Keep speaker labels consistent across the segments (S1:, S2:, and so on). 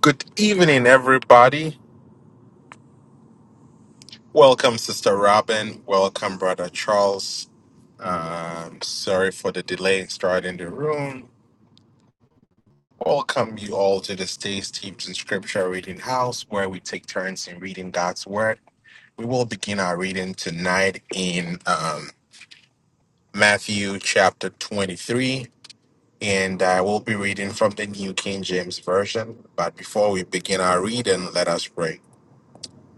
S1: Good evening, everybody. Welcome, Sister Robin. Welcome, Brother Charles. Um, sorry for the delay in starting the room. Welcome you all to the Stays, Teams, Scripture Reading House, where we take turns in reading God's Word. We will begin our reading tonight in um, Matthew chapter 23, and I will be reading from the New King James Version. But before we begin our reading, let us pray.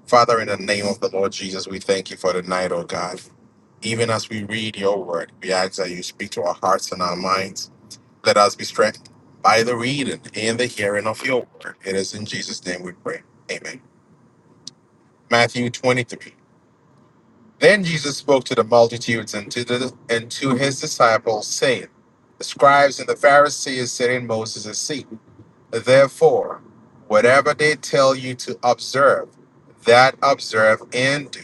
S1: Father, in the name of the Lord Jesus, we thank you for the night, oh God. Even as we read your word, we ask that you speak to our hearts and our minds. Let us be strengthened by the reading and the hearing of your word. It is in Jesus' name we pray. Amen. Matthew 23. Then Jesus spoke to the multitudes and to, the, and to his disciples, saying, The scribes and the Pharisees sit in Moses' seat. Therefore, whatever they tell you to observe, that observe and do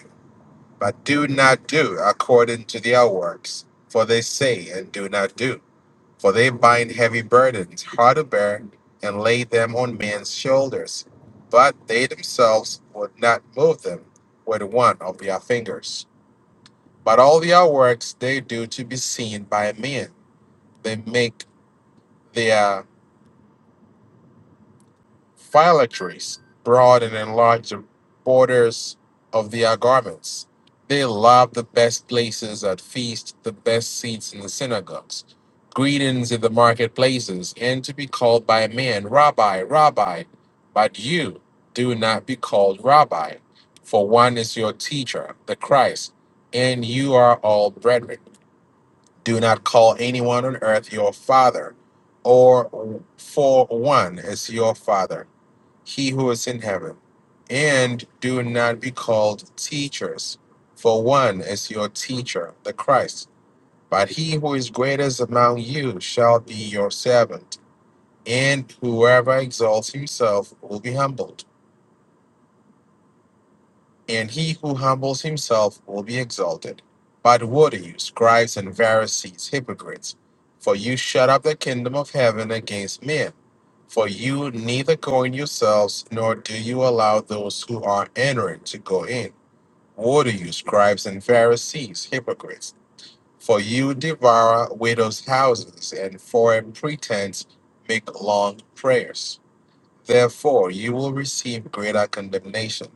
S1: but do not do according to their works. For they say and do not do. For they bind heavy burdens, hard to bear, and lay them on men's shoulders. But they themselves would not move them with one of their fingers. But all their works they do to be seen by men. They make their Phylacteries broad and enlarge the borders of their garments. They love the best places at feast, the best seats in the synagogues, greetings in the marketplaces, and to be called by men, Rabbi, Rabbi. But you do not be called Rabbi, for one is your teacher, the Christ, and you are all brethren. Do not call anyone on earth your father, or for one is your father he who is in heaven. And do not be called teachers, for one is your teacher, the Christ. But he who is greatest among you shall be your servant. And whoever exalts himself will be humbled, and he who humbles himself will be exalted. But woe to you, scribes and Pharisees, hypocrites, for you shut up the kingdom of heaven against men. For you neither go in yourselves, nor do you allow those who are entering to go in. Woe to you, scribes and Pharisees, hypocrites! For you devour widows' houses, and for a pretense make long prayers. Therefore you will receive greater condemnation.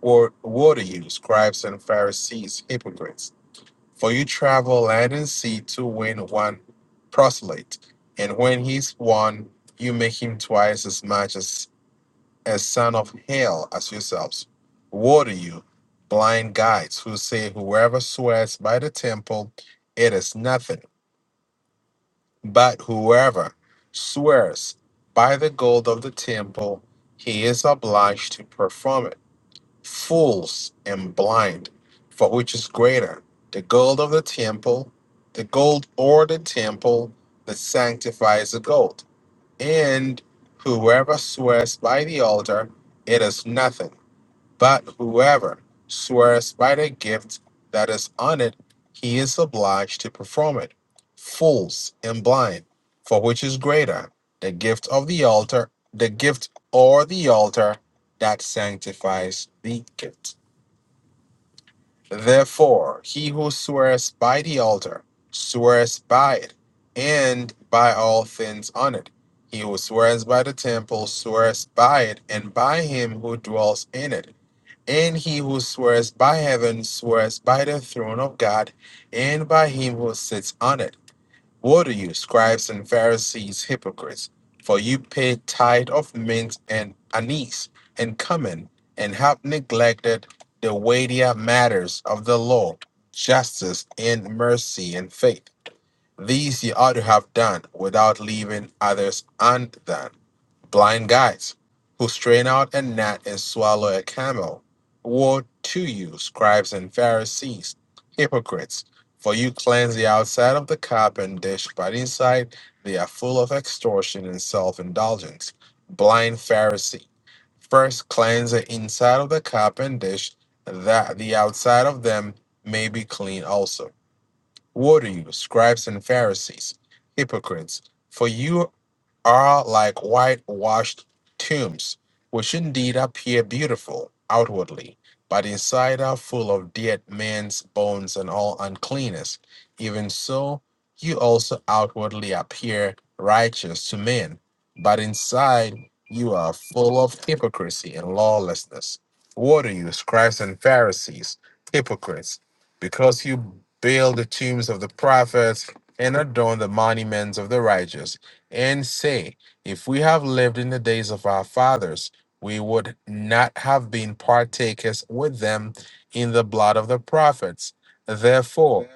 S1: Or woe to you, scribes and Pharisees, hypocrites! For you travel land and sea to win one proselyte, and when he's won, you make him twice as much as a son of hell as yourselves. Woe to you, blind guides, who say, Whoever swears by the temple, it is nothing. But whoever swears by the gold of the temple, he is obliged to perform it. Fools and blind, for which is greater, the gold of the temple, the gold or the temple that sanctifies the gold? And whoever swears by the altar, it is nothing but whoever swears by the gift that is on it, he is obliged to perform it. Fools and blind, for which is greater, the gift of the altar, the gift or the altar that sanctifies the gift. Therefore, he who swears by the altar swears by it and by all things on it. He who swears by the temple swears by it and by him who dwells in it. And he who swears by heaven swears by the throne of God and by him who sits on it. Woe to you, scribes and Pharisees, hypocrites! For you pay tithe of mint and anise and cumin, and have neglected the weightier matters of the law, justice and mercy and faith. These ye ought to have done without leaving others undone blind guides who strain out a gnat and swallow a camel. Woe to you, scribes and Pharisees, hypocrites! For you cleanse the outside of the cup and dish, but inside they are full of extortion and self indulgence. Blind Pharisee, first cleanse the inside of the cup and dish, that the outside of them may be clean also. Woe to you, scribes and Pharisees, hypocrites! for you are like whitewashed tombs, which indeed appear beautiful outwardly, but inside are full of dead men's bones and all uncleanness. Even so, you also outwardly appear righteous to men, but inside you are full of hypocrisy and lawlessness. What are you, scribes and Pharisees, hypocrites? Because you build the tombs of the prophets and adorn the monuments of the righteous and say, If we have lived in the days of our fathers, we would not have been partakers with them in the blood of the prophets. Therefore,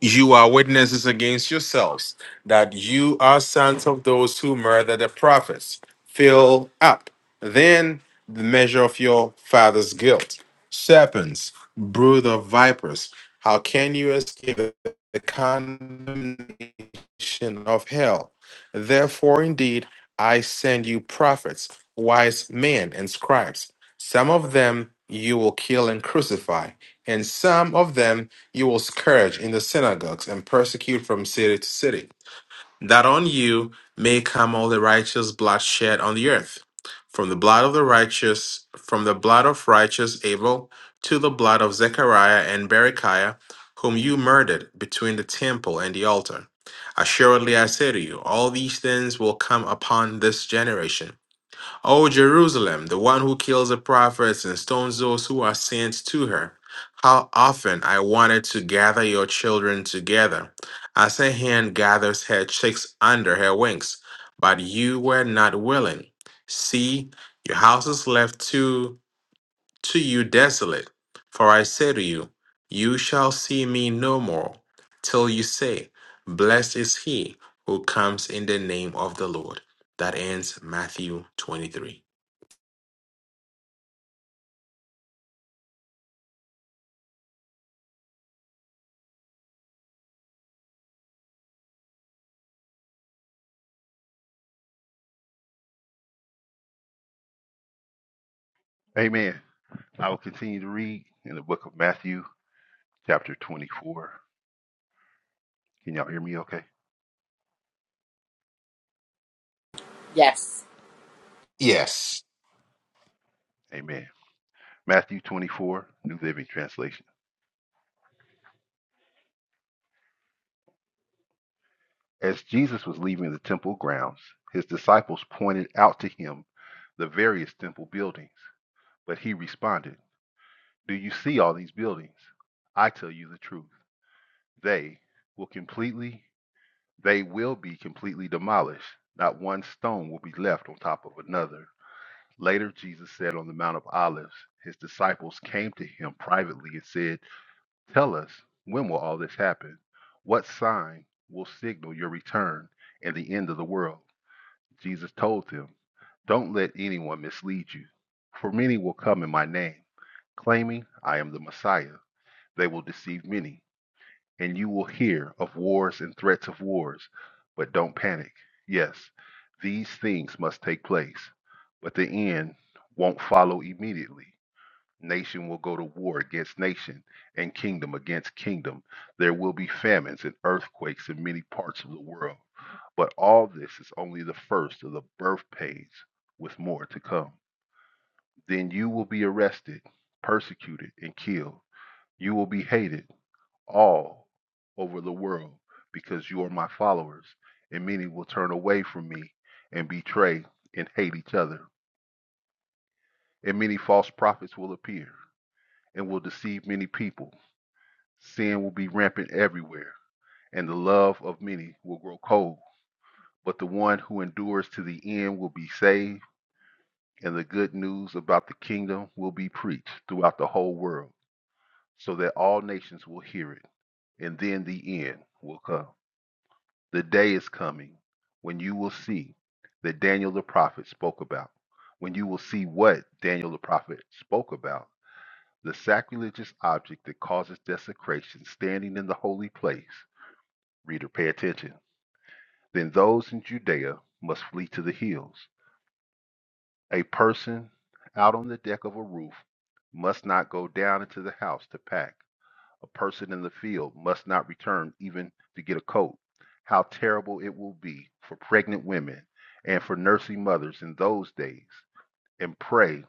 S1: you are witnesses against yourselves that you are sons of those who murder the prophets. Fill up then the measure of your father's guilt. Serpents, brood of vipers, how can you escape the the condemnation of hell? Therefore, indeed, I send you prophets, wise men, and scribes. Some of them you will kill and crucify, and some of them you will scourge in the synagogues and persecute from city to city, that on you may come all the righteous blood shed on the earth, from the blood of the righteous, from the blood of righteous Abel to the blood of Zechariah and Berechiah, whom you murdered between the temple and the altar. Assuredly, I say to you, all these things will come upon this generation. O Jerusalem, the one who kills the prophets and stones those who are sent to her, how often I wanted to gather your children together, as a hen gathers her chicks under her wings, but you were not willing. See, your house is left to, to you desolate. For I say to you, you shall see me no more, till you say, Blessed is he who comes in the name of the Lord. That ends Matthew 23.
S2: Amen. I will continue to read in the book of Matthew, chapter 24. Can y'all hear me okay?
S3: Yes.
S1: Yes.
S2: Amen. Matthew 24, New Living Translation. As Jesus was leaving the temple grounds, his disciples pointed out to him the various temple buildings. But he responded, Do you see all these buildings? I tell you the truth. They will completely, they will be completely demolished. Not one stone will be left on top of another. Later, Jesus said on the Mount of Olives, his disciples came to him privately and said, Tell us, when will all this happen? What sign will signal your return and the end of the world? Jesus told them, Don't let anyone mislead you, for many will come in my name, claiming I am the Messiah. They will deceive many and you will hear of wars and threats of wars, but don't panic. Yes, these things must take place, but the end won't follow immediately. Nation will go to war against nation and kingdom against kingdom. There will be famines and earthquakes in many parts of the world. But all this is only the first of the birth pains, with more to come. Then you will be arrested, persecuted, and killed. You will be hated all over the world because you are my followers, and many will turn away from me and betray and hate each other. And many false prophets will appear and will deceive many people. Sin will be rampant everywhere, and the love of many will grow cold. But the one who endures to the end will be saved, and the good news about the kingdom will be preached throughout the whole world, so that all nations will hear it, and then the end will come. The day is coming when you will see that Daniel the prophet spoke about, when you will see what Daniel the prophet spoke about the sacrilegious object that causes desecration standing in the holy place. Reader, pay attention. Then those in Judea must flee to the hills. A person out on the deck of a roof must not go down into the house to pack. A person in the field must not return even to get a coat. How terrible it will be for pregnant women and for nursing mothers in those days. And pray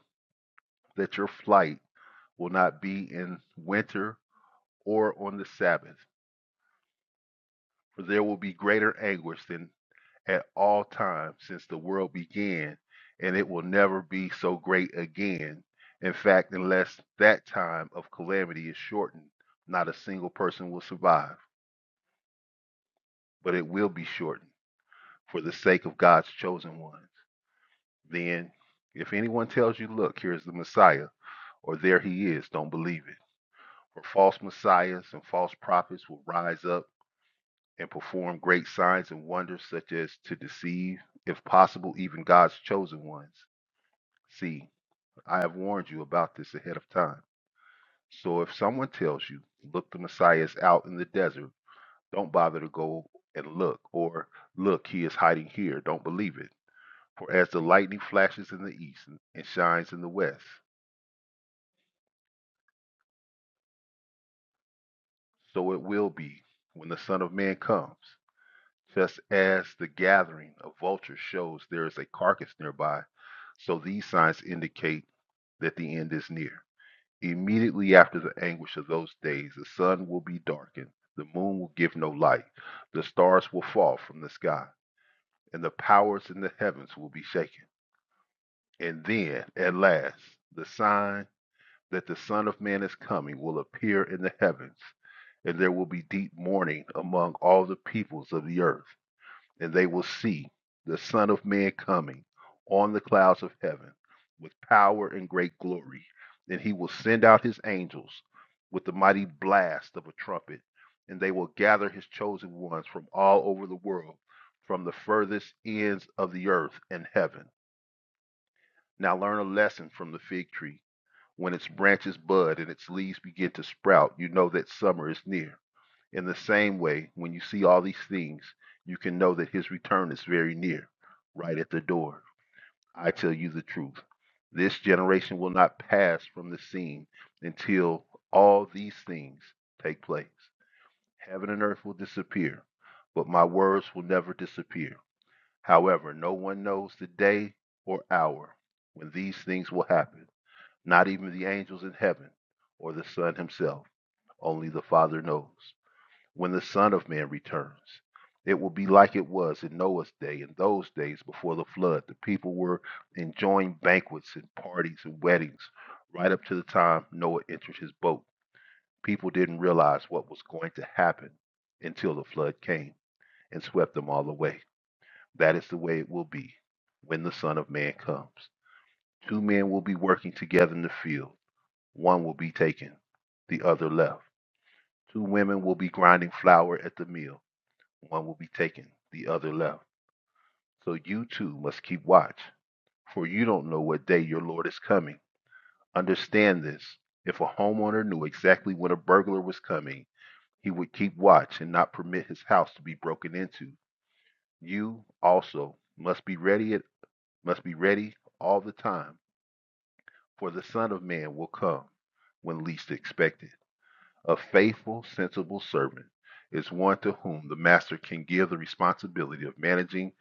S2: that your flight will not be in winter or on the Sabbath, for there will be greater anguish than at all times since the world began, and it will never be so great again. In fact, unless that time of calamity is shortened, not a single person will survive, but it will be shortened for the sake of God's chosen ones. Then, if anyone tells you, look, here's the Messiah, or there he is, don't believe it. For false messiahs and false prophets will rise up and perform great signs and wonders, such as to deceive, if possible, even God's chosen ones. See, I have warned you about this ahead of time. So if someone tells you, look, the Messiah is out in the desert, don't bother to go and look, or look, he is hiding here, don't believe it. For as the lightning flashes in the east and shines in the west, so it will be when the Son of Man comes. Just as the gathering of vultures shows there is a carcass nearby, so these signs indicate that the end is near. Immediately after the anguish of those days, the sun will be darkened, the moon will give no light, the stars will fall from the sky, and the powers in the heavens will be shaken. And then, at last, the sign that the Son of Man is coming will appear in the heavens, and there will be deep mourning among all the peoples of the earth, and they will see the Son of Man coming on the clouds of heaven with power and great glory. Then he will send out his angels with the mighty blast of a trumpet, and they will gather his chosen ones from all over the world, from the furthest ends of the earth and heaven. Now learn a lesson from the fig tree. When its branches bud and its leaves begin to sprout, you know that summer is near. In the same way, when you see all these things, you can know that his return is very near, right at the door. I tell you the truth. This generation will not pass from the scene until all these things take place. Heaven and earth will disappear, but my words will never disappear. However, no one knows the day or hour when these things will happen not even the angels in heaven or the Son himself. Only the Father knows. When the Son of Man returns, it will be like it was in Noah's day. In those days before the flood, the people were enjoying banquets and parties and weddings right up to the time Noah entered his boat. People didn't realize what was going to happen until the flood came and swept them all away. That is the way it will be when the Son of Man comes. Two men will be working together in the field one will be taken, the other left. Two women will be grinding flour at the mill. One will be taken, the other left. So you too must keep watch, for you don't know what day your Lord is coming. Understand this. If a homeowner knew exactly when a burglar was coming, he would keep watch and not permit his house to be broken into. You also must be ready at, must be ready all the time, for the Son of Man will come when least expected. A faithful, sensible servant is one to whom the master can give the responsibility of managing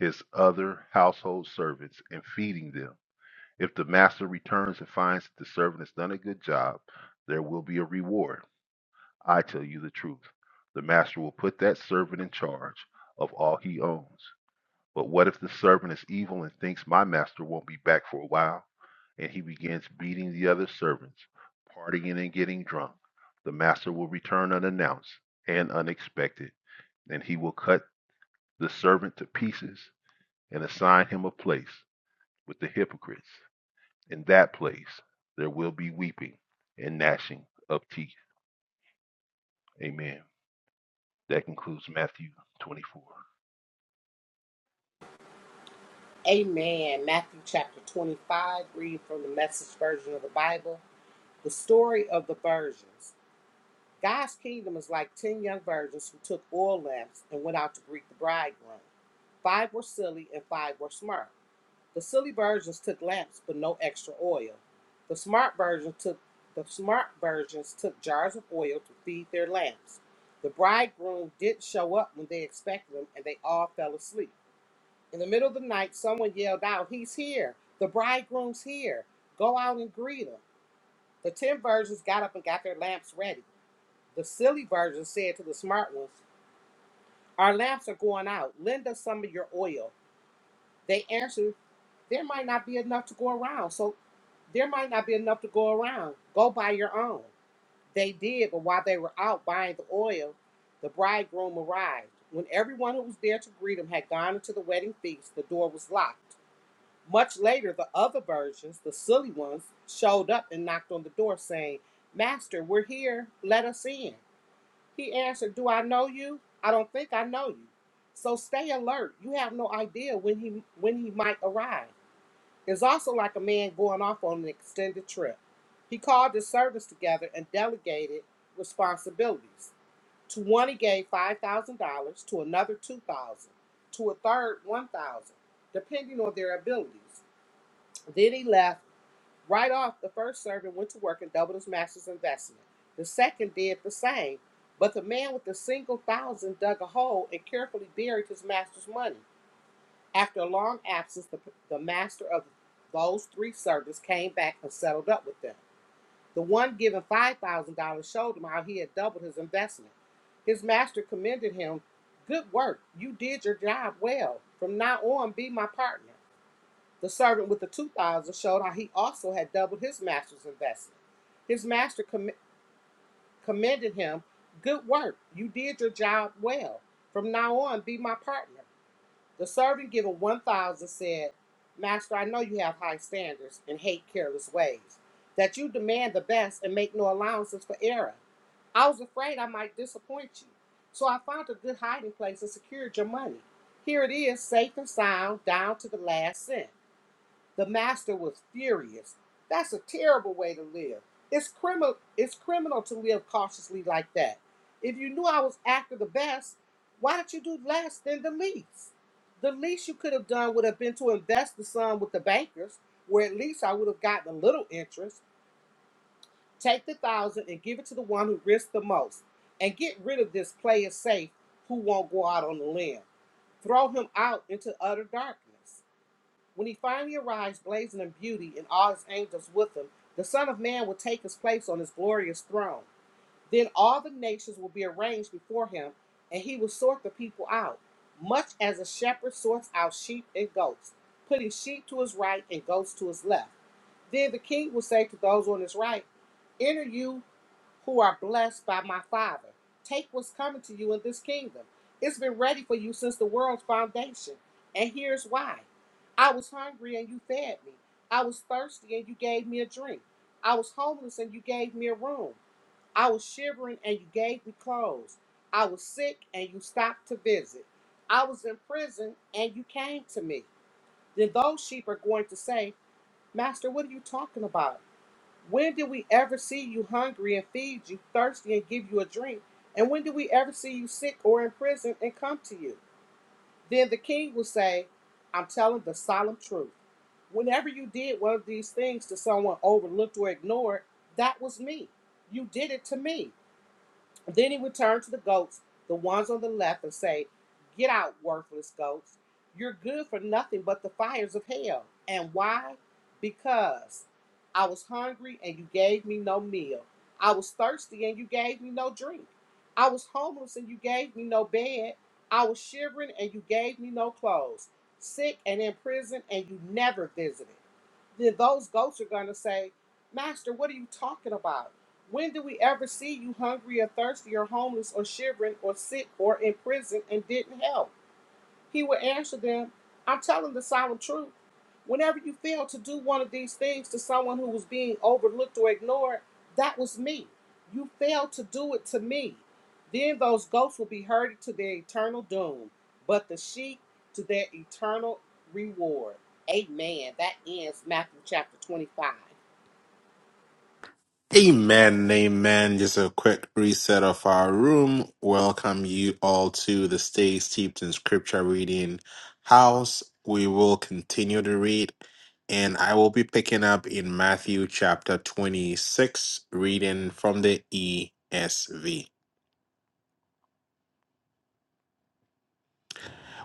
S2: his other household servants and feeding them. If the master returns and finds that the servant has done a good job, there will be a reward. I tell you the truth. The master will put that servant in charge of all he owns. But what if the servant is evil and thinks my master won't be back for a while? And he begins beating the other servants, partying and getting drunk. The master will return unannounced and unexpected, and he will cut the servant to pieces and assign him a place with the hypocrites. In that place, there will be weeping and gnashing of teeth. Amen. That concludes Matthew 24.
S3: Amen. Matthew chapter 25, reading from the message version of the Bible. The story of the virgins. God's kingdom is like 10 young virgins who took oil lamps and went out to greet the bridegroom. Five were silly and five were smart. The silly virgins took lamps but no extra oil. The smart virgins took the smart virgins took jars of oil to feed their lamps. The bridegroom didn't show up when they expected him and they all fell asleep. In the middle of the night, someone yelled out, He's here. The bridegroom's here. Go out and greet him. The ten virgins got up and got their lamps ready. The silly virgin said to the smart ones, Our lamps are going out. Lend us some of your oil. They answered, There might not be enough to go around. So there might not be enough to go around. Go buy your own. They did, but while they were out buying the oil, the bridegroom arrived. When everyone who was there to greet him had gone into the wedding feast, the door was locked. Much later, the other virgins, the silly ones, showed up and knocked on the door, saying, Master, we're here. Let us in. He answered, Do I know you? I don't think I know you. So stay alert. You have no idea when he when he might arrive. It's also like a man going off on an extended trip. He called his servants together and delegated responsibilities. To one he gave five thousand dollars, to another two thousand, to a third one thousand, depending on their abilities then he left right off. The first servant went to work and doubled his master's investment. The second did the same. But the man with the single thousand dug a hole and carefully buried his master's money. After a long absence, the, the master of those three servants came back and settled up with them. The one given $5,000 showed him how he had doubled his investment. His master commended him Good work. You did your job well. From now on, be my partner. The servant with the two thousand showed how he also had doubled his master's investment. His master comm- commended him, Good work. You did your job well. From now on, be my partner. The servant given one thousand said, Master, I know you have high standards and hate careless ways, that you demand the best and make no allowances for error. I was afraid I might disappoint you, so I found a good hiding place and secured your money. Here it is, safe and sound, down to the last cent. The master was furious. That's a terrible way to live. It's criminal it's criminal to live cautiously like that. If you knew I was after the best, why did you do less than the least? The least you could have done would have been to invest the sum with the bankers, where at least I would have gotten a little interest. Take the thousand and give it to the one who risked the most. And get rid of this player safe who won't go out on the limb. Throw him out into utter darkness. When he finally arrives, blazing in beauty and all his angels with him, the Son of Man will take his place on his glorious throne. Then all the nations will be arranged before him, and he will sort the people out, much as a shepherd sorts out sheep and goats, putting sheep to his right and goats to his left. Then the king will say to those on his right, Enter you who are blessed by my Father. Take what's coming to you in this kingdom. It's been ready for you since the world's foundation. And here's why I was hungry and you fed me. I was thirsty and you gave me a drink. I was homeless and you gave me a room. I was shivering and you gave me clothes. I was sick and you stopped to visit. I was in prison and you came to me. Then those sheep are going to say, Master, what are you talking about? When did we ever see you hungry and feed you, thirsty and give you a drink? And when did we ever see you sick or in prison and come to you? Then the king will say, I'm telling the solemn truth. Whenever you did one of these things to someone overlooked or ignored, that was me. You did it to me. Then he would turn to the goats, the ones on the left, and say, Get out, worthless goats. You're good for nothing but the fires of hell. And why? Because I was hungry and you gave me no meal. I was thirsty and you gave me no drink. I was homeless and you gave me no bed. I was shivering and you gave me no clothes. Sick and in prison and you never visited. Then those goats are going to say, Master, what are you talking about? When did we ever see you hungry or thirsty or homeless or shivering or sick or in prison and didn't help? He would answer them, I'm telling the solemn truth. Whenever you failed to do one of these things to someone who was being overlooked or ignored, that was me. You failed to do it to me. Then those goats will be herded to their eternal doom, but the sheep to their eternal reward. Amen. That ends Matthew chapter 25.
S1: Amen, amen. Just a quick reset of our room. Welcome you all to the Stay Steeped in Scripture Reading House. We will continue to read, and I will be picking up in Matthew chapter 26, reading from the ESV.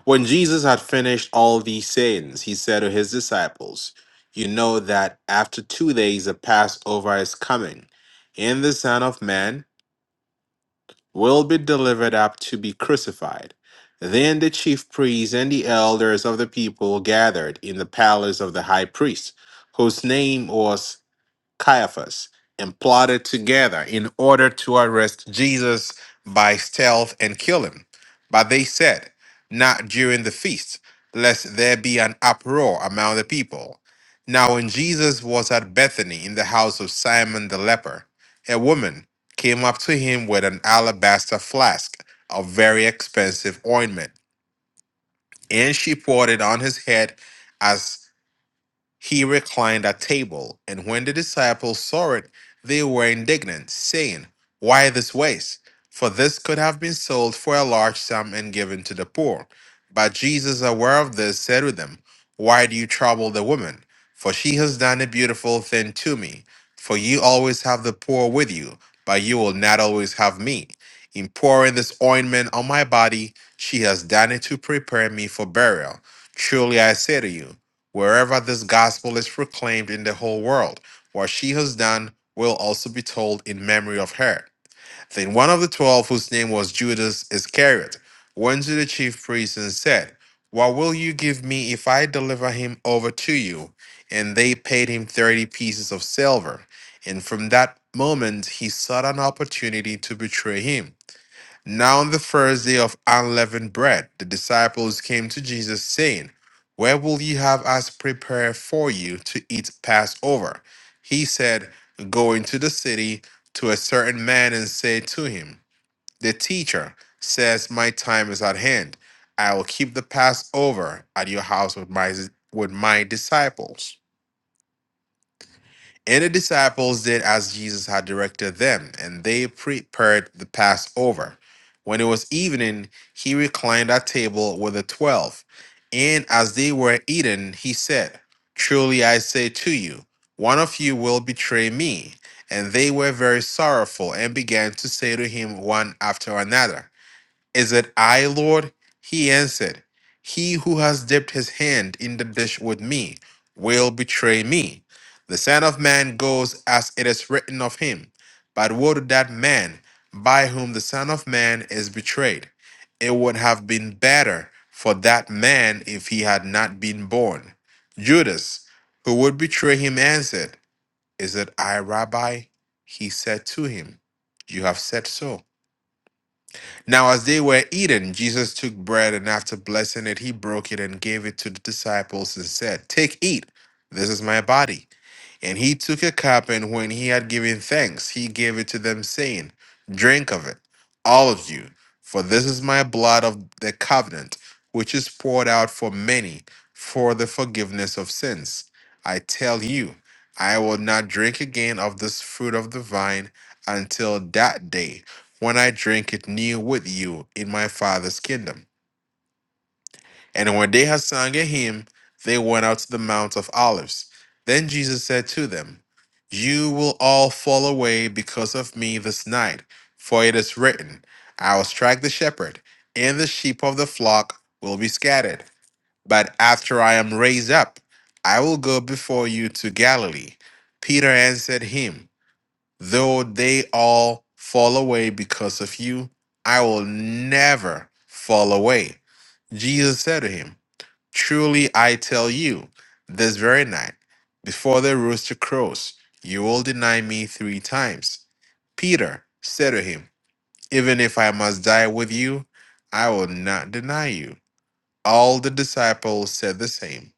S1: When Jesus had finished all these sayings, he said to his disciples, You know that after two days the Passover is coming, and the Son of Man will be delivered up to be crucified. Then the chief priests and the elders of the people gathered in the palace of the high priest, whose name was Caiaphas and plotted together in order to arrest Jesus by stealth and kill him. But they said, Not during the feast, lest there be an uproar among the people. Now, when Jesus was at Bethany in the house of Simon the leper, a woman came up to him with an alabaster flask of very expensive ointment, and she poured it on his head as he reclined at table, and when the disciples saw it, they were indignant, saying, Why this waste? For this could have been sold for a large sum and given to the poor. But Jesus, aware of this, said to them, Why do you trouble the woman? For she has done a beautiful thing to me. For you always have the poor with you, but you will not always have me. In pouring this ointment on my body, she has done it to prepare me for burial. Truly I say to you, wherever this gospel is proclaimed in the whole world. What she has done will also be told in memory of her. Then one of the twelve, whose name was Judas Iscariot, went to the chief priests and said, What will you give me if I deliver him over to you? And they paid him 30 pieces of silver. And from that moment, he sought an opportunity to betray him. Now on the first day of unleavened bread, the disciples came to Jesus, saying, Where will ye have us prepare for you to eat Passover? He said, Go into the city to a certain man and say to him, 'The teacher says, My time is at hand. I will keep the Passover at your house with my, with my disciples. And the disciples did as Jesus had directed them, and they prepared the Passover. When it was evening, he reclined at table with the twelve. And as they were eating, he said, Truly I say to you, one of you will betray me. And they were very sorrowful and began to say to him one after another. Is it I, Lord? He answered, He who has dipped his hand in the dish with me will betray me. The Son of Man goes as it is written of him. But woe to that man by whom the Son of Man is betrayed. It would have been better for that man if he had not been born. Judas, who would betray him, answered, Is it I, Rabbi? He said to him, You have said so. Now, as they were eating, Jesus took bread and after blessing it, he broke it and gave it to the disciples and said, Take, eat. This is my body. And he took a cup, and when he had given thanks, he gave it to them, saying, Drink of it, all of you, for this is my blood of the covenant, which is poured out for many for the forgiveness of sins. I tell you, I will not drink again of this fruit of the vine until that day when I drink it new with you in my Father's kingdom. And when they had sung a hymn, they went out to the Mount of Olives. Then Jesus said to them, You will all fall away because of me this night, for it is written, I will strike the shepherd, and the sheep of the flock will be scattered. But after I am raised up, I will go before you to Galilee. Peter answered him, Though they all fall away because of you, I will never fall away. Jesus said to him, Truly I tell you, this very night, before the rooster crows, you will deny me three times. Peter said to him, Even if I must die with you, I will not deny you. All the disciples said the same.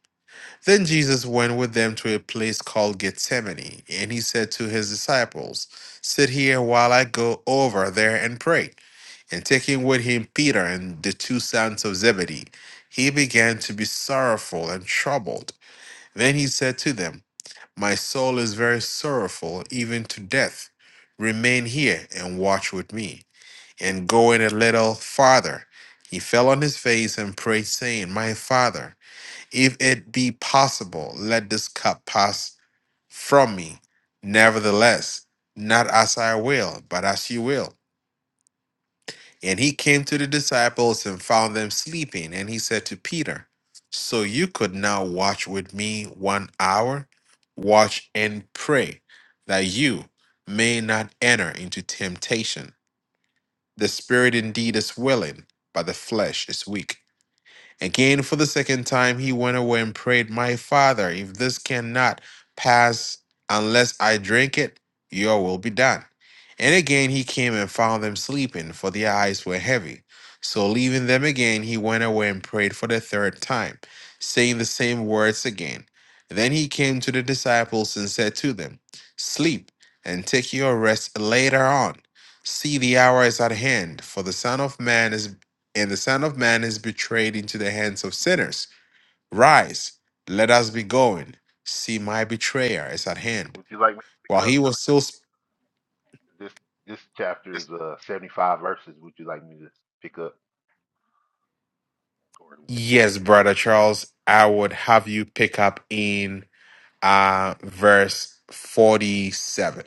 S1: Then Jesus went with them to a place called Gethsemane, and he said to his disciples, Sit here while I go over there and pray. And taking with him Peter and the two sons of Zebedee, he began to be sorrowful and troubled. Then he said to them, My soul is very sorrowful, even to death. Remain here and watch with me. And going a little farther, he fell on his face and prayed, saying, My father. If it be possible, let this cup pass from me. Nevertheless, not as I will, but as you will. And he came to the disciples and found them sleeping. And he said to Peter, So you could now watch with me one hour? Watch and pray that you may not enter into temptation. The spirit indeed is willing, but the flesh is weak. Again, for the second time, he went away and prayed, My father, if this cannot pass unless I drink it, your will be done. And again he came and found them sleeping, for their eyes were heavy. So leaving them again, he went away and prayed for the third time, saying the same words again. Then he came to the disciples and said to them, Sleep and take your rest later on. See, the hour is at hand, for the Son of Man is and the Son of Man is betrayed into the hands of sinners. Rise, let us be going. See, my betrayer is at hand.
S2: Would you like me to
S1: While
S2: pick up?
S1: he was still, sp-
S2: This this chapter is uh 75 verses. Would you like me to pick up or
S1: yes, brother Charles, I would have you pick up in uh, verse 47.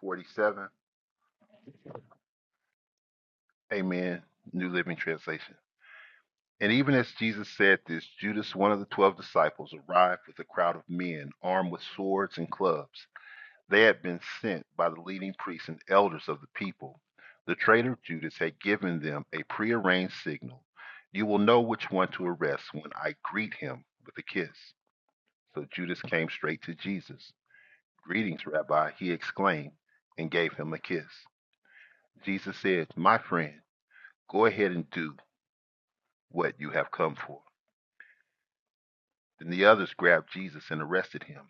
S2: 47? Amen. New Living Translation. And even as Jesus said this, Judas, one of the twelve disciples, arrived with a crowd of men armed with swords and clubs. They had been sent by the leading priests and elders of the people. The traitor Judas had given them a prearranged signal. You will know which one to arrest when I greet him with a kiss. So Judas came straight to Jesus. Greetings, Rabbi, he exclaimed, and gave him a kiss. Jesus said, My friend, go ahead and do what you have come for. Then the others grabbed Jesus and arrested him.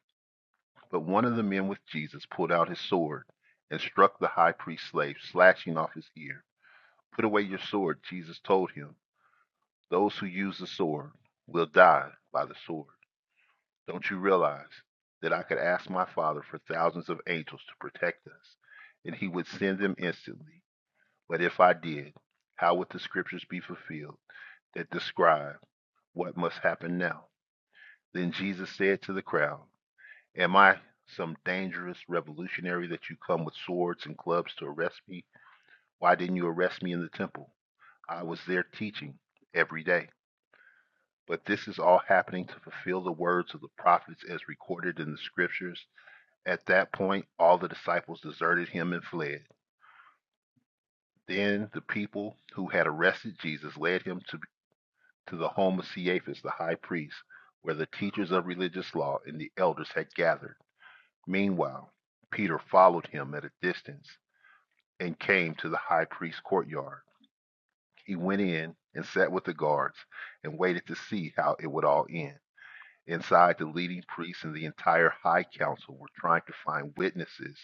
S2: But one of the men with Jesus pulled out his sword and struck the high priest's slave, slashing off his ear. Put away your sword, Jesus told him. Those who use the sword will die by the sword. Don't you realize that I could ask my Father for thousands of angels to protect us, and he would send them instantly? But if I did, how would the scriptures be fulfilled that describe what must happen now? Then Jesus said to the crowd, Am I some dangerous revolutionary that you come with swords and clubs to arrest me? Why didn't you arrest me in the temple? I was there teaching every day. But this is all happening to fulfill the words of the prophets as recorded in the scriptures. At that point, all the disciples deserted him and fled. Then the people who had arrested Jesus led him to to the home of Caiaphas, the high priest, where the teachers of religious law and the elders had gathered. Meanwhile, Peter followed him at a distance and came to the high priest's courtyard. He went in and sat with the guards and waited to see how it would all end. Inside, the leading priests and the entire high council were trying to find witnesses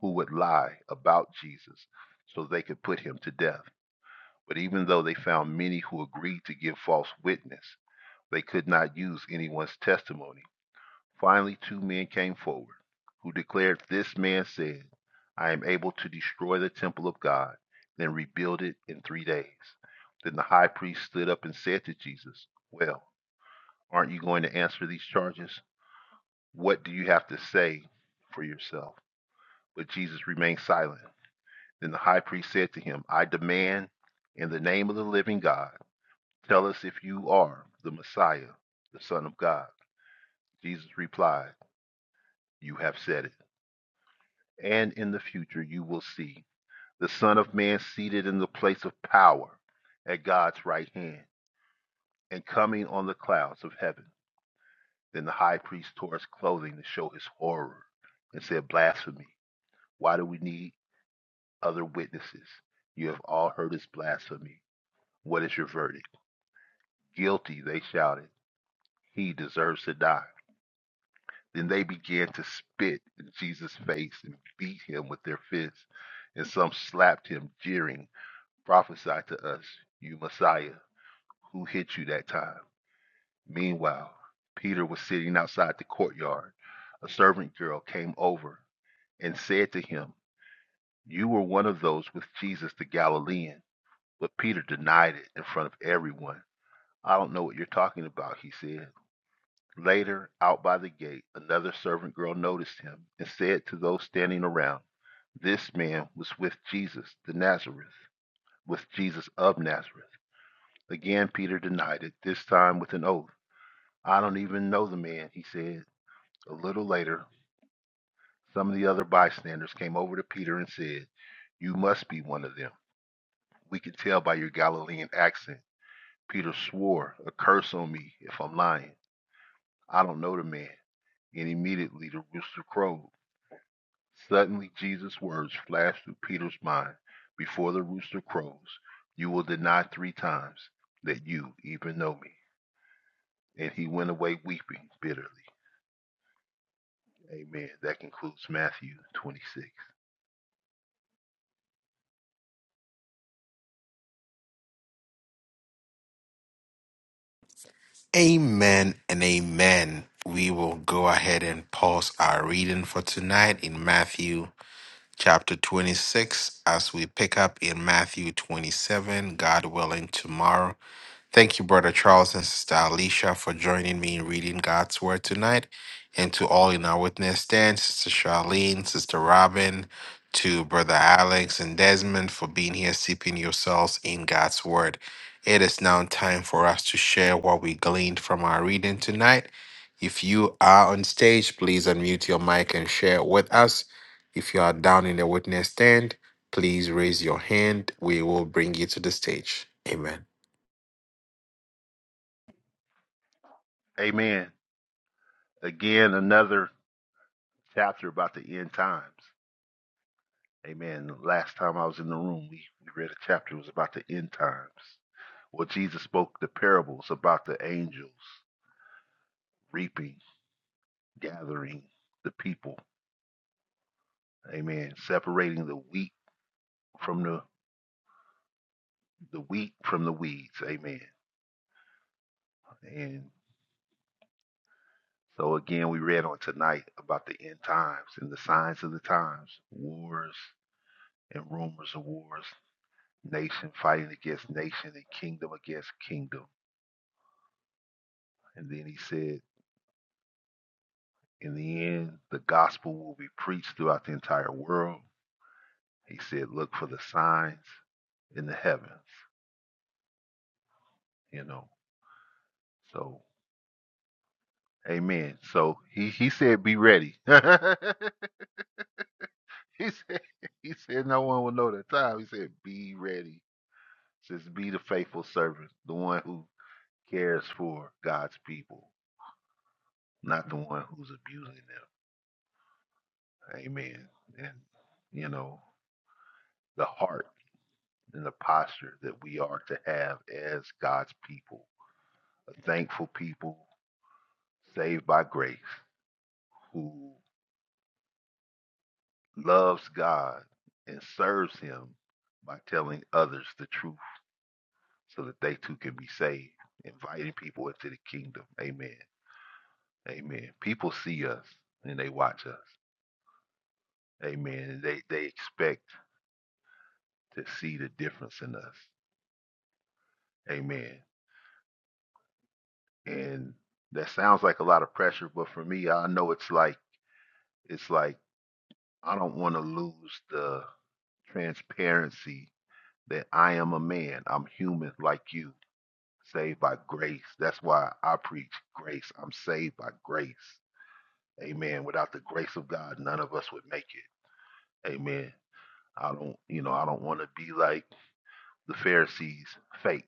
S2: who would lie about Jesus so they could put him to death. But even though they found many who agreed to give false witness, They could not use anyone's testimony. Finally, two men came forward, who declared, This man said, 'I am able to destroy the temple of God, then rebuild it in three days. Then the high priest stood up and said to Jesus, Well, aren't you going to answer these charges? What do you have to say for yourself? But Jesus remained silent. Then the high priest said to him, I demand, in the name of the living God, tell us if you are the Messiah, the Son of God. Jesus replied, You have said it. And in the future, you will see the Son of Man seated in the place of power at God's right hand and coming on the clouds of heaven. Then the high priest tore his clothing to show his horror and said, Blasphemy. Why do we need other witnesses? You have all heard his blasphemy. What is your verdict? Guilty, they shouted. He deserves to die. Then they began to spit in Jesus' face and beat him with their fists, and some slapped him, jeering. Prophesy to us, you Messiah, who hit you that time. Meanwhile, Peter was sitting outside the courtyard. A servant girl came over and said to him, You were one of those with Jesus the Galilean. But Peter denied it in front of everyone. I don't know what you're talking about, he said. Later, out by the gate, another servant girl noticed him and said to those standing around, This man was with Jesus the Nazareth, with Jesus of Nazareth. Again, Peter denied it, this time with an oath. I don't even know the man, he said. A little later, some of the other bystanders came over to Peter and said, You must be one of them. We can tell by your Galilean accent. Peter swore, A curse on me if I'm lying. I don't know the man. And immediately the rooster crowed. Suddenly, Jesus' words flashed through Peter's mind Before the rooster crows, you will deny three times that you even know me. And he went away weeping bitterly. Amen. That concludes Matthew 26.
S1: Amen and amen. We will go ahead and pause our reading for tonight in Matthew chapter 26 as we pick up in Matthew 27, God willing, tomorrow. Thank you, Brother Charles and Sister Alicia, for joining me in reading God's Word tonight. And to all in our witness stand, Sister Charlene, Sister Robin, to Brother Alex and Desmond for being here, seeping yourselves in God's Word. It is now time for us to share what we gleaned from our reading tonight. If you are on stage, please unmute your mic and share it with us. If you are down in the witness stand, please raise your hand. We will bring you to the stage. Amen.
S2: Amen. Again, another chapter about the end times. Amen. Last time I was in the room, we, we read a chapter. It was about the end times. Well, Jesus spoke the parables about the angels reaping, gathering the people. Amen. Separating the wheat from the the wheat from the weeds. Amen. And so again, we read on tonight about the end times and the signs of the times, wars, and rumors of wars, nation fighting against nation and kingdom against kingdom. And then he said, In the end, the gospel will be preached throughout the entire world. He said, Look for the signs in the heavens, you know. So, amen. So he, he said, Be ready. he, said, he said, No one will know the time. He said, Be ready. Just be the faithful servant, the one who cares for God's people, not the one who's abusing them. Amen. And, you know, the heart and the posture that we are to have as God's people, a thankful people saved by grace who loves God and serves Him by telling others the truth so that they too can be saved, inviting people into the kingdom. Amen. Amen. People see us and they watch us. Amen. And they, they expect to see the difference in us. Amen. and that sounds like a lot of pressure but for me i know it's like it's like i don't want to lose the transparency that i am a man i'm human like you saved by grace that's why i preach grace i'm saved by grace amen without the grace of god none of us would make it amen i don't you know i don't want to be like the pharisees fake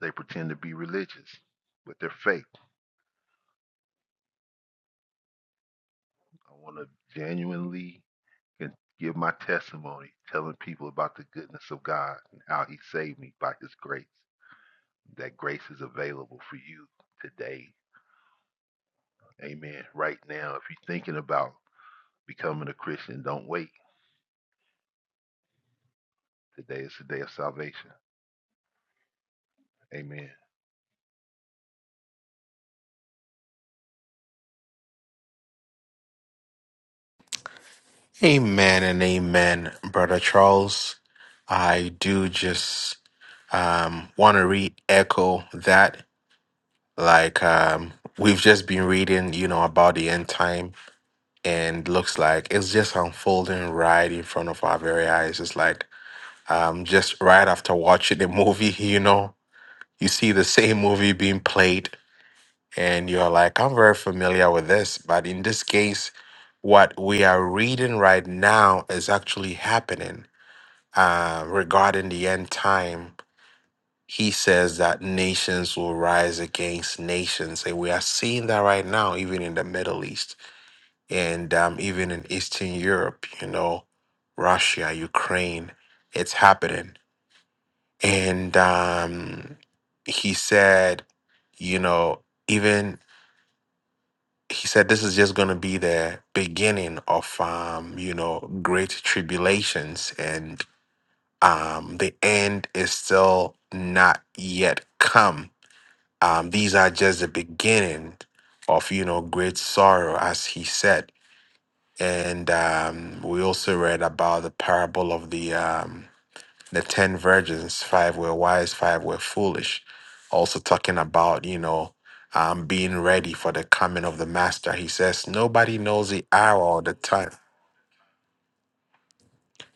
S2: they pretend to be religious but they're fake i want to genuinely and give my testimony, telling people about the goodness of God and how He saved me by His grace. That grace is available for you today. Amen. Right now, if you're thinking about becoming a Christian, don't wait. Today is the day of salvation. Amen.
S1: Amen and amen, Brother Charles. I do just um, want to re echo that. Like, um, we've just been reading, you know, about the end time, and looks like it's just unfolding right in front of our very eyes. It's like um, just right after watching the movie, you know, you see the same movie being played, and you're like, I'm very familiar with this. But in this case, what we are reading right now is actually happening uh, regarding the end time, he says that nations will rise against nations. And we are seeing that right now, even in the Middle East and um, even in Eastern Europe, you know, Russia, Ukraine, it's happening. And um, he said, you know, even he said this is just going to be the beginning of, um, you know, great tribulations and. um, the end is still not yet come. Um, these are just the beginning of you know great sorrow, as he said. And um, we also read about the parable of the um, the ten virgins. Five were wise, five were foolish. Also talking about you know um, being ready for the coming of the master. He says nobody knows the hour or the time.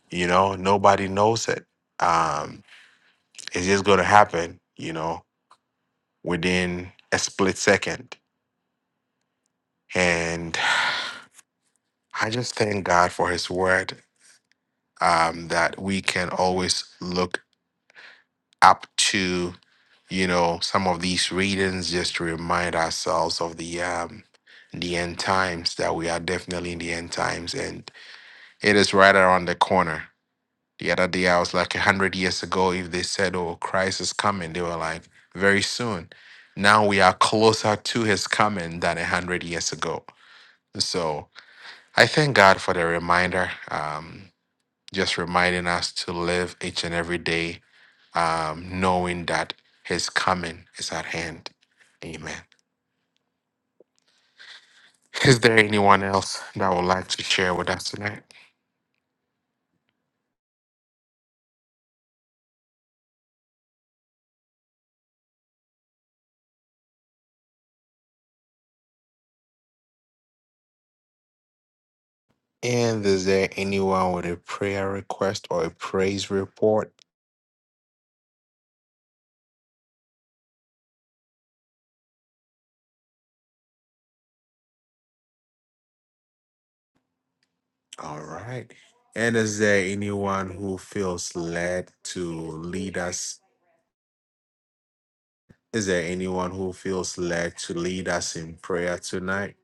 S1: You know, nobody knows it. Um, it's just going to happen. You know, within a split second. And I just thank God for His word um, that we can always look up to, you know, some of these readings just to remind ourselves of the. Um, the end times that we are definitely in the end times and it is right around the corner the other day i was like 100 years ago if they said oh christ is coming they were like very soon now we are closer to his coming than 100 years ago so I thank God for the reminder, um, just reminding us to live each and every day, um, knowing that His coming is at hand. Amen. Is there anyone else that would like to share with us tonight? And is there anyone with a prayer request or a praise report? All right. And is there anyone who feels led to lead us? Is there anyone who feels led to lead us in prayer tonight?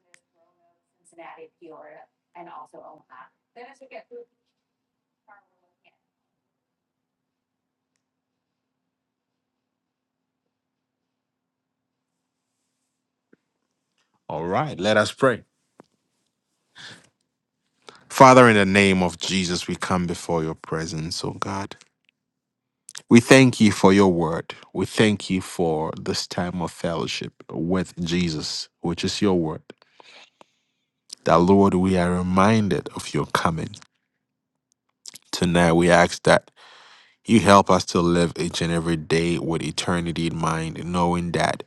S1: All right, let us pray. Father, in the name of Jesus, we come before your presence, oh God. We thank you for your word. We thank you for this time of fellowship with Jesus, which is your word. That, Lord, we are reminded of your coming. Tonight, we ask that you help us to live each and every day with eternity in mind, knowing that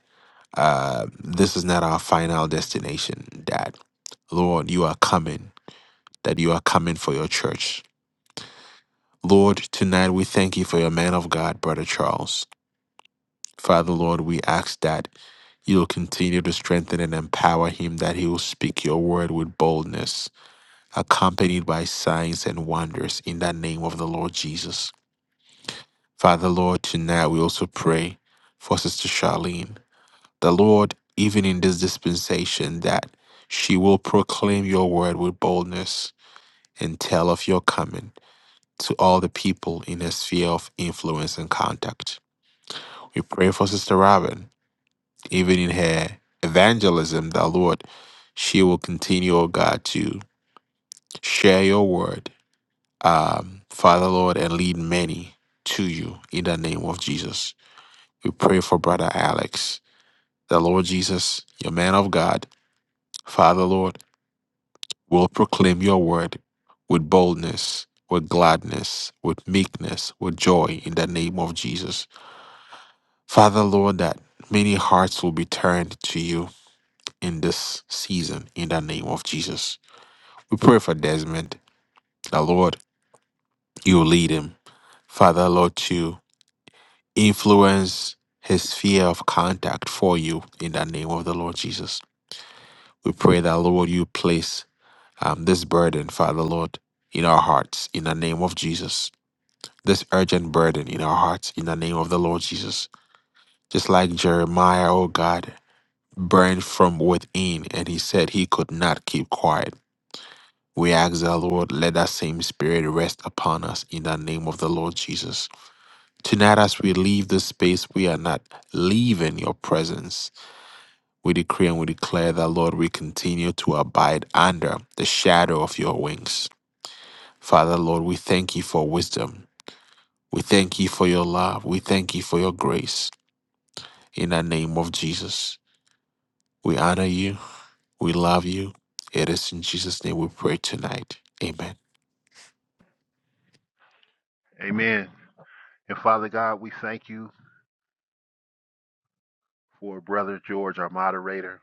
S1: uh, this is not our final destination, that, Lord, you are coming, that you are coming for your church Lord, tonight we thank you for your man of God, Brother Charles. Father, Lord, we ask that you'll continue to strengthen and empower him, that he will speak your word with boldness, accompanied by signs and wonders in the name of the Lord Jesus. Father, Lord, tonight we also pray for Sister Charlene. The Lord, even in this dispensation, that she will proclaim your word with boldness and tell of your coming to all the people in her sphere of influence and contact. We pray for Sister Robin, even in her evangelism, that Lord, she will continue, oh God, to share your word, um, Father Lord, and lead many to you in the name of Jesus. We pray for Brother Alex, the Lord Jesus, your man of God, Father Lord, will proclaim your word with boldness, with gladness, with meekness, with joy in the name of Jesus. Father Lord, that many hearts will be turned to you in this season in the name of Jesus. We pray for Desmond, the Lord, you lead him. Father, Lord, to influence his sphere of contact for you in the name of the Lord Jesus. We pray that, Lord, you place um, this burden, Father, Lord, in our hearts in the name of Jesus. This urgent burden in our hearts in the name of the Lord Jesus. Just like Jeremiah, oh God, burned from within and he said he could not keep quiet. We ask our Lord, let that same spirit rest upon us in the name of the Lord Jesus. Tonight, as we leave this space, we are not leaving your presence. We decree and we declare that, Lord, we continue to abide under the shadow of your wings. Father, Lord, we thank you for wisdom. We thank you for your love. We thank you for your grace. In the name of Jesus, we honor you. We love you. It is in Jesus' name we pray tonight. Amen.
S2: Amen. And Father God, we thank you for Brother George, our moderator.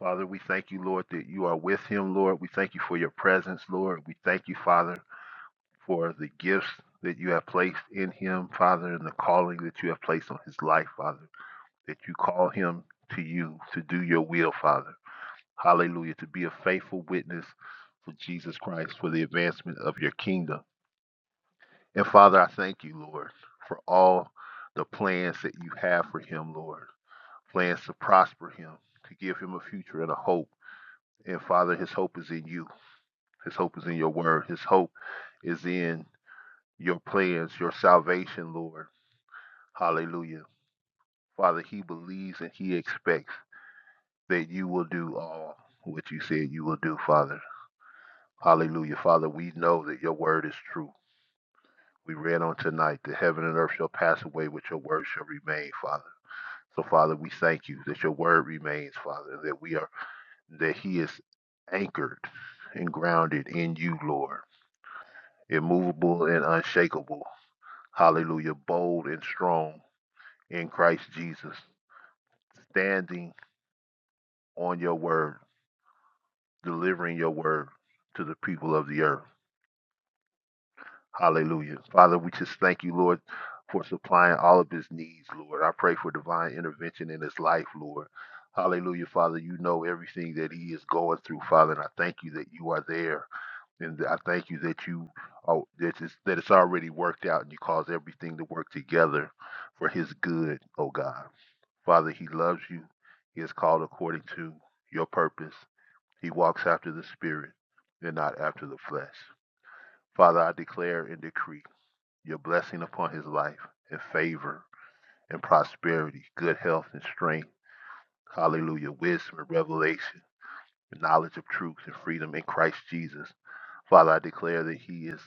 S2: Father, we thank you, Lord, that you are with him, Lord. We thank you for your presence, Lord. We thank you, Father for the gifts that you have placed in him, Father, and the calling that you have placed on his life, Father, that you call him to you to do your will, Father. Hallelujah. To be a faithful witness for Jesus Christ for the advancement of your kingdom. And Father, I thank you, Lord, for all the plans that you have for him, Lord. Plans to prosper him, to give him a future and a hope. And Father, his hope is in you. His hope is in your word. His hope is in your plans, your salvation, Lord Hallelujah. Father, he believes and he expects that you will do all what you said you will do, Father. Hallelujah. Father, we know that your word is true. We read on tonight that heaven and earth shall pass away, but your word shall remain, Father. So, Father, we thank you that your word remains, Father, that we are, that he is anchored and grounded in you, Lord, immovable and unshakable. Hallelujah. Bold and strong in Christ Jesus, standing on your word. delivering your word to the people of the earth. Hallelujah. Father, we just thank you, Lord, for supplying all of his needs, Lord. I pray for divine intervention in his life, Lord. Hallelujah, Father. You know everything that he is going through, Father, and I thank you that you are there. And I thank you that you oh, that it's, that it's already worked out and you cause everything to work together for his good, oh God. Father, he loves you. He is called according to your purpose. He walks after the Spirit and not after the flesh. Father, I declare and decree your blessing upon his life and favor and prosperity, good health and strength. Hallelujah. Wisdom and revelation, and knowledge of truth and freedom in Christ Jesus. Father, I declare that he is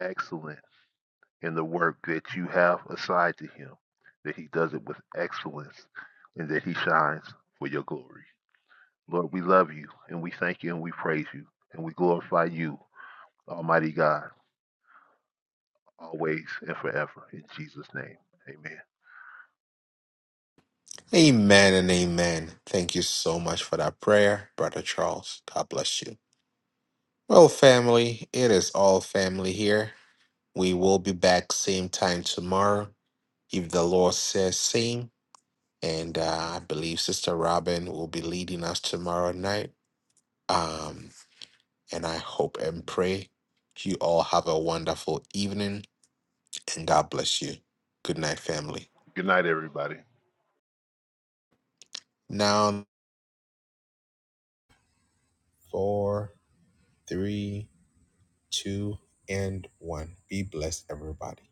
S2: excellent in the work that you have assigned to him, that he does it with excellence, and that he shines for your glory. Lord, we love you and we thank you and we praise you and we glorify you Almighty God, always and forever. In Jesus' name, amen.
S1: Amen and amen. Thank you so much for that prayer, Brother Charles. God bless you. Well, family, it is all family here. We will be back same time tomorrow, if the Lord says same. And uh, I believe Sister Robin will be leading us tomorrow night. Um, and I hope and pray you all have a wonderful evening and God bless you. Good night, family.
S2: Good night, everybody.
S1: Now, four, three, two, and one. Be blessed, everybody.